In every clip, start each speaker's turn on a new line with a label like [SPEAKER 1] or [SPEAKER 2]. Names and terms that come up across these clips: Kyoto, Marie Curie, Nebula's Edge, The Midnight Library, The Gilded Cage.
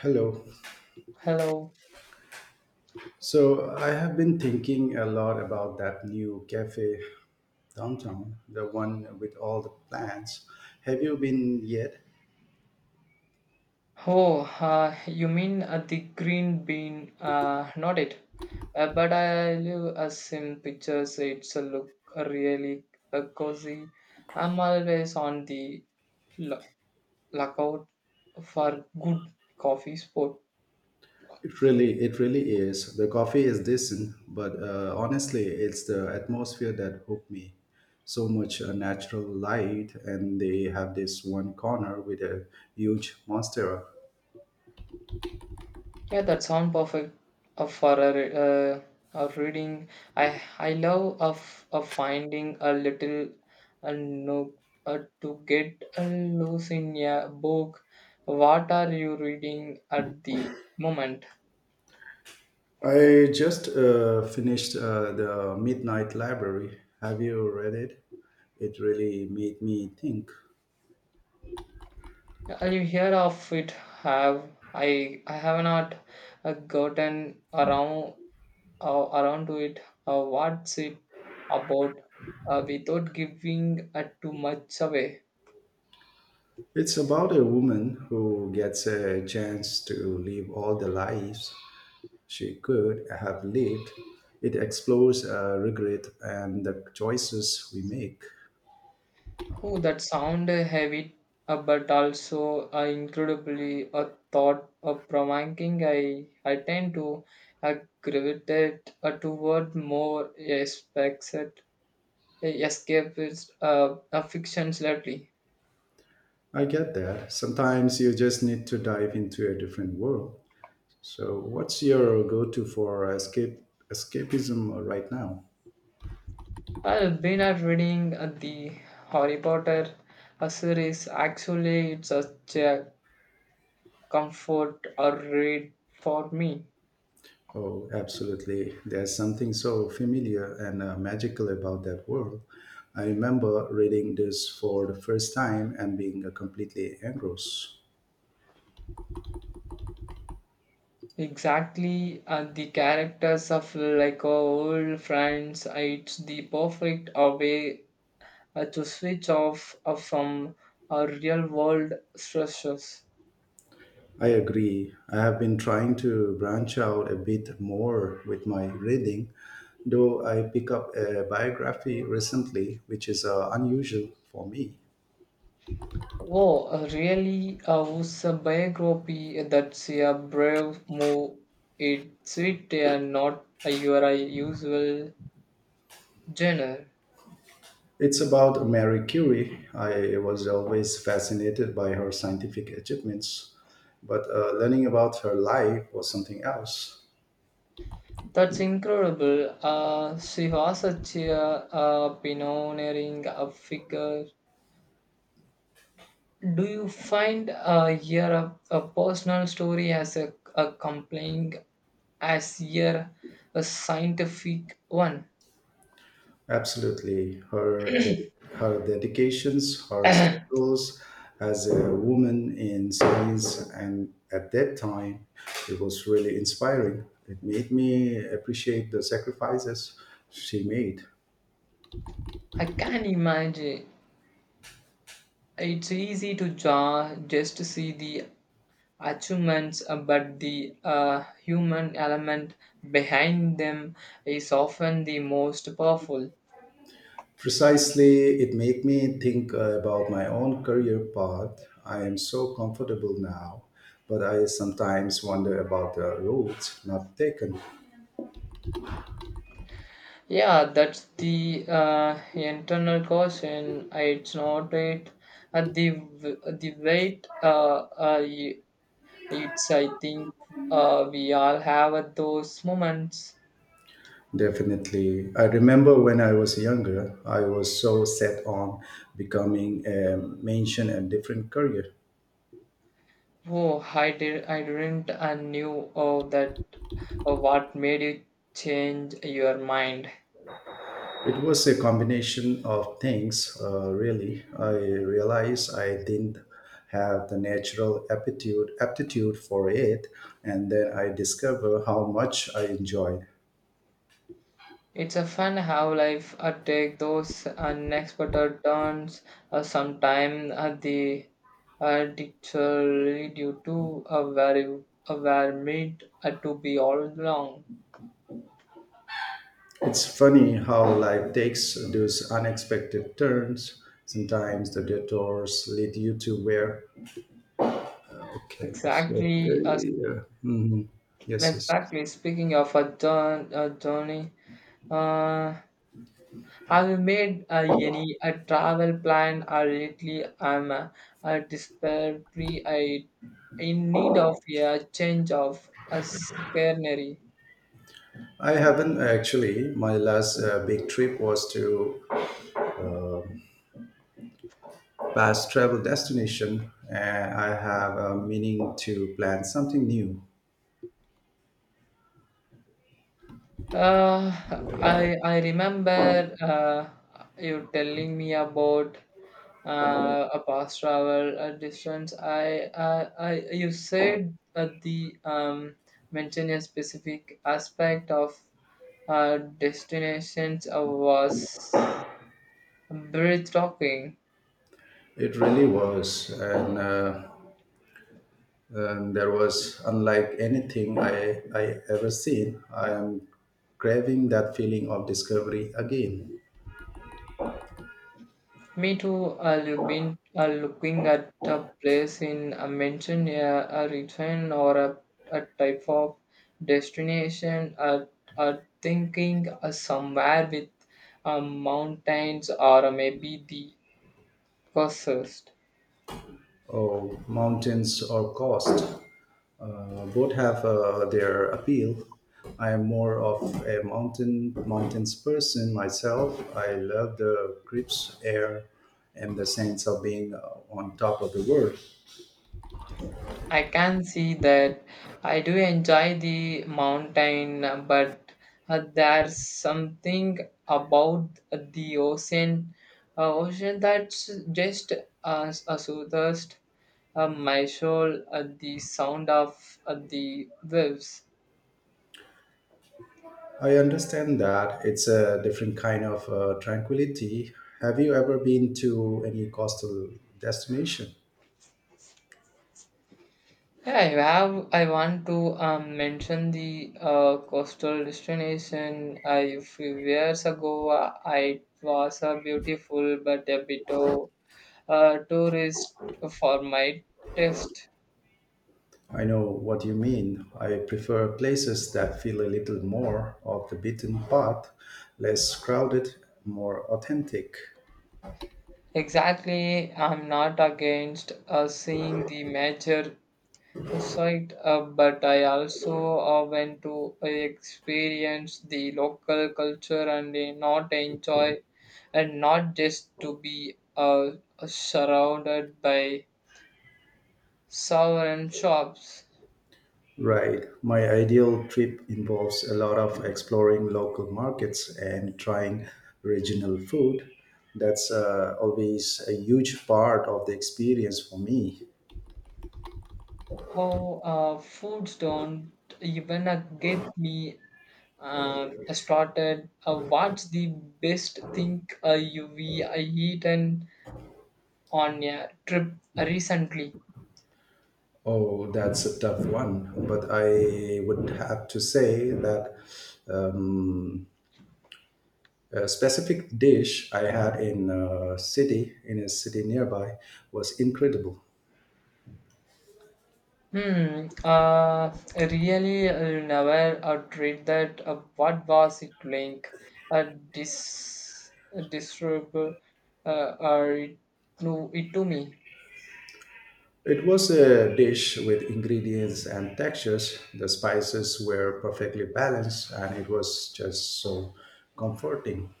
[SPEAKER 1] Hello.
[SPEAKER 2] Hello.
[SPEAKER 1] So I have been thinking a lot about that new cafe downtown, the one with all the plants. Have you been yet?
[SPEAKER 2] Oh, you mean the green bean? Not it. But I live as in pictures. It's a look really cozy. I'm always on the lo- lookout for good coffee spot.
[SPEAKER 1] It really is. The coffee is decent, but honestly, it's the atmosphere that hooked me. So much natural light, and they have this one corner with a huge monstera.
[SPEAKER 2] Yeah, that sound perfect for a reading. I love of finding a little nook to get loose in a book. What are you reading at the moment?
[SPEAKER 1] I just finished The Midnight Library. Have you read it? It really made me think.
[SPEAKER 2] You hear of it? Have I have not gotten around around to it. What's it about? Without giving too much away.
[SPEAKER 1] It's about a woman who gets a chance to live all the lives she could have lived. It explores regret and the choices we make.
[SPEAKER 2] Oh, that sound heavy, but also incredibly thought provoking. I tend to uh, gravitate toward more aspects that escapist fictions lately.
[SPEAKER 1] I get that. Sometimes you just need to dive into a different world. So, what's your go to for escape, escapism right now?
[SPEAKER 2] I've been reading the Harry Potter series. Actually, it's such a comfort read for me.
[SPEAKER 1] Oh, absolutely. There's something so familiar and magical about that world. I remember reading this for the first time and being completely engrossed.
[SPEAKER 2] Exactly, and the characters of like old friends, it's the perfect way to switch off from real world stresses.
[SPEAKER 1] I agree. I have been trying to branch out a bit more with my reading, though I pick up a biography recently, which is unusual for me.
[SPEAKER 2] Oh, really? Was a biography that's a brave move. It's sweet and not a your usual genre.
[SPEAKER 1] It's about Marie Curie. I was always fascinated by her scientific achievements, but learning about her life was something else.
[SPEAKER 2] That's incredible. She was such a pioneering figure. Do you find your a personal story as a compelling as your a scientific one?
[SPEAKER 1] Absolutely, her dedications, her struggles as a woman in science, and at that time, it was really inspiring. It made me appreciate the sacrifices she made.
[SPEAKER 2] I can imagine it's easy to just to see the achievements, but the human element behind them is often the most powerful.
[SPEAKER 1] Precisely, it made me think about my own career path. I am so comfortable now, but I sometimes wonder about the roads not taken.
[SPEAKER 2] Yeah, that's the internal caution. It's not it. The weight, uh, It's I think we all have at those moments.
[SPEAKER 1] Definitely. I remember when I was younger, I was so set on becoming a mention and different career.
[SPEAKER 2] Oh, I didn't and knew oh that oh, what made you change your mind.
[SPEAKER 1] It was a combination of things, really. I realized I didn't have the natural aptitude for it, and then I discovered how much I enjoyed.
[SPEAKER 2] It's a fun how life take those unexpected turns. Sometime the literally due to a very made to be all along.
[SPEAKER 1] It's funny how life takes those unexpected turns. Sometimes the detours lead you to where. Okay,
[SPEAKER 2] Exactly. Uh,
[SPEAKER 1] yes, yes.
[SPEAKER 2] exactly. Speaking of a turn, a journey. Uh, have you made any a travel plan or lately? I'm desperately I in need of a change of a scenery.
[SPEAKER 1] I haven't actually. My last big trip was to past travel destination and I have a meaning to plan something new.
[SPEAKER 2] Uh, I remember you telling me about a past travel distance. I you said the mentioned a specific aspect of destinations was breathtaking.
[SPEAKER 1] It really was, and there was unlike anything I ever seen. I am craving that feeling of discovery again.
[SPEAKER 2] Me too. I've been looking at a place in a mention a region or a type of destination. Uh, thinking somewhere with mountains or maybe the coast.
[SPEAKER 1] Oh, mountains or coast. Both have their appeal. I am more of a mountains person myself. I love the crisp air and the sense of being on top of the world.
[SPEAKER 2] I can see that. I do enjoy the mountain, but there's something about the ocean that's just as a soothes my soul. The sound of the waves.
[SPEAKER 1] I understand that it's a different kind of tranquility. Have you ever been to any coastal destination?
[SPEAKER 2] Yeah, I have. I want to mention the coastal destination. I few years ago, it was a beautiful but a bit of tourist for my test.
[SPEAKER 1] I know what you mean. I prefer places that feel a little more of the beaten path, less crowded, more authentic.
[SPEAKER 2] Exactly, I'm not against seeing the major site, but I also want to experience the local culture and not enjoy and not just to be surrounded by southern shops.
[SPEAKER 1] Right. My ideal trip involves a lot of exploring local markets and trying regional food. That's always a huge part of the experience for me.
[SPEAKER 2] Oh, foods don't even get me started. What's the best thing you we eaten on a trip recently?
[SPEAKER 1] Oh, that's a tough one. But I would have to say that um, a specific dish I had in a city nearby was incredible.
[SPEAKER 2] Hmm, really? Never tried that. What was it like, uh, dis disturb it, no, it to me?
[SPEAKER 1] It was a dish with ingredients and textures. The spices were perfectly balanced and it was just so comforting.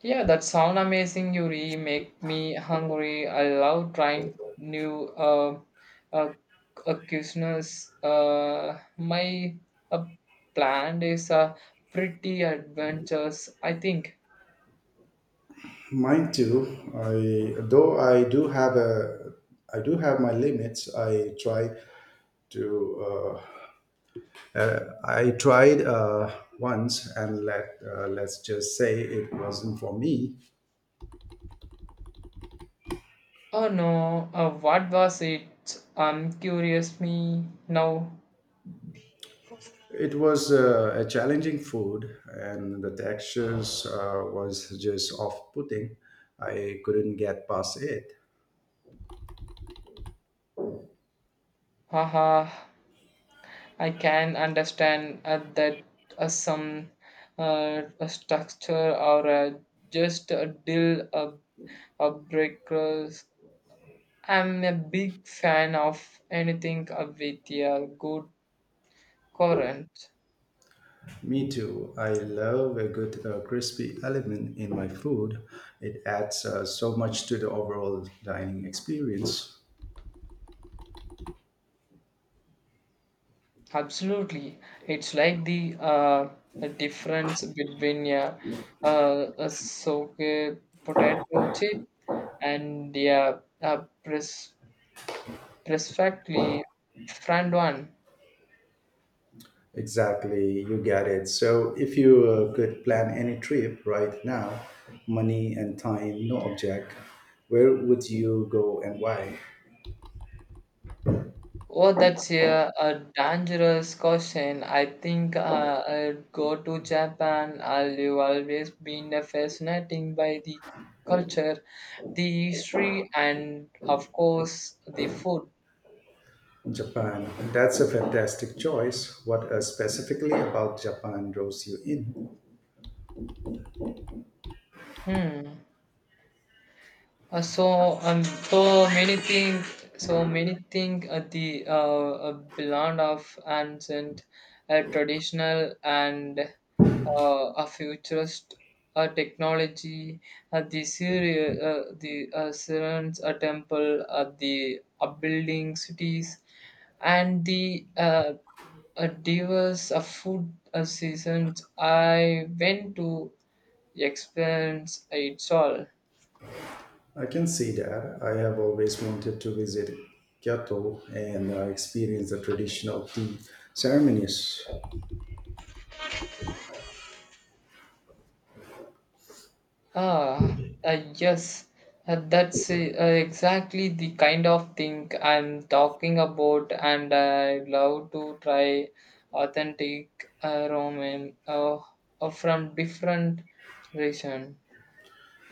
[SPEAKER 2] Yeah, that sound amazing, Yuri. Make me hungry. I love trying new uh, cuisines. My uh, plan is pretty adventurous, I think.
[SPEAKER 1] Mine too. I though I do have a I do have my limits. I try to I tried once and let's just say it wasn't for me.
[SPEAKER 2] Oh no, what was it? I'm curious me now.
[SPEAKER 1] It was a challenging food, and the textures was just off-putting. I couldn't get past it.
[SPEAKER 2] Haha, I can understand that some a structure or just a deal a breakers. I'm a big fan of anything with a good current.
[SPEAKER 1] Me too. I love a good crispy element in my food. It adds so much to the overall dining experience.
[SPEAKER 2] Absolutely. It's like the a, difference between a soaked potato chip and a perfectly fried one.
[SPEAKER 1] Exactly, you get it. So, if you could plan any trip right now, money and time, no object, where would you go and why?
[SPEAKER 2] Oh, that's a dangerous question. I think I'd go to Japan. I've always been fascinating by the culture, the history, and of course, the food.
[SPEAKER 1] Japan. That's a fantastic choice. What specifically about Japan draws you in?
[SPEAKER 2] Hmm. So so many things at the blend of ancient, traditional, and a futurist technology. The Syria, the Syrians, a temple, the upbuilding cities, and the diverse food seasons. I went to experience it all.
[SPEAKER 1] I can see that. I have always wanted to visit Kyoto and experience the traditional tea ceremonies.
[SPEAKER 2] Ah, yes, that's exactly the kind of thing I'm talking about, and I love to try authentic ramen from different region.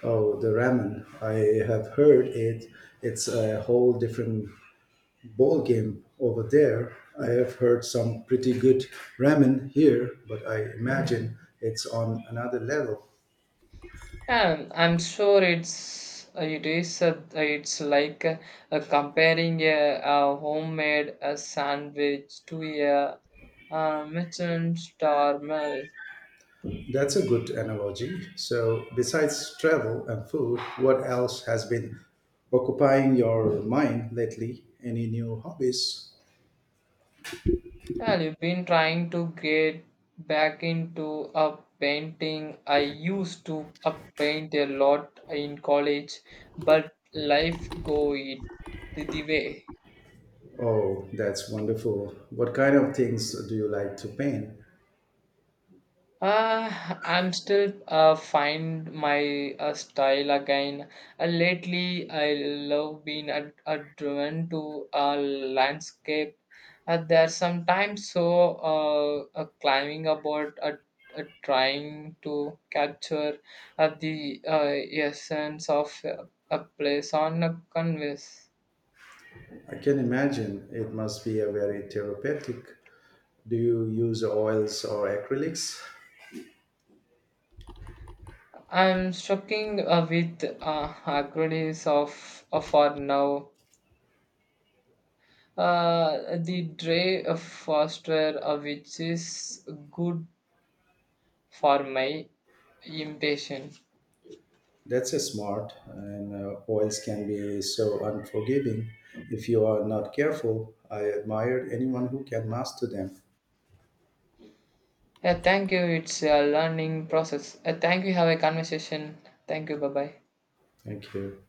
[SPEAKER 1] Oh, the ramen. I have heard it. It's a whole different ball game over there. I have heard some pretty good ramen here, but I imagine it's on another level.
[SPEAKER 2] I'm sure it's it's like comparing a homemade sandwich to a Michelin star.
[SPEAKER 1] That's a good analogy. So, besides travel and food, what else has been occupying your mind lately? Any new hobbies?
[SPEAKER 2] Well, you've been trying to get back into a painting. I used to paint a lot in college, but life go it the way.
[SPEAKER 1] Oh, that's wonderful. What kind of things do you like to paint?
[SPEAKER 2] I'm still find my style again. Lately, I love being driven to a landscape. There's sometimes so climbing about trying to capture the essence of a place on a canvas.
[SPEAKER 1] I can imagine it must be a very therapeutic. Do you use oils or acrylics?
[SPEAKER 2] I'm struggling with agrees of for now. The Dre Foster, which is good for my impatience.
[SPEAKER 1] That's a smart, and oils can be so unforgiving if you are not careful. I admire anyone who can master them.
[SPEAKER 2] Yeah, thank you. It's a learning process. Thank you. Have a conversation. Thank you. Bye bye.
[SPEAKER 1] Thank you.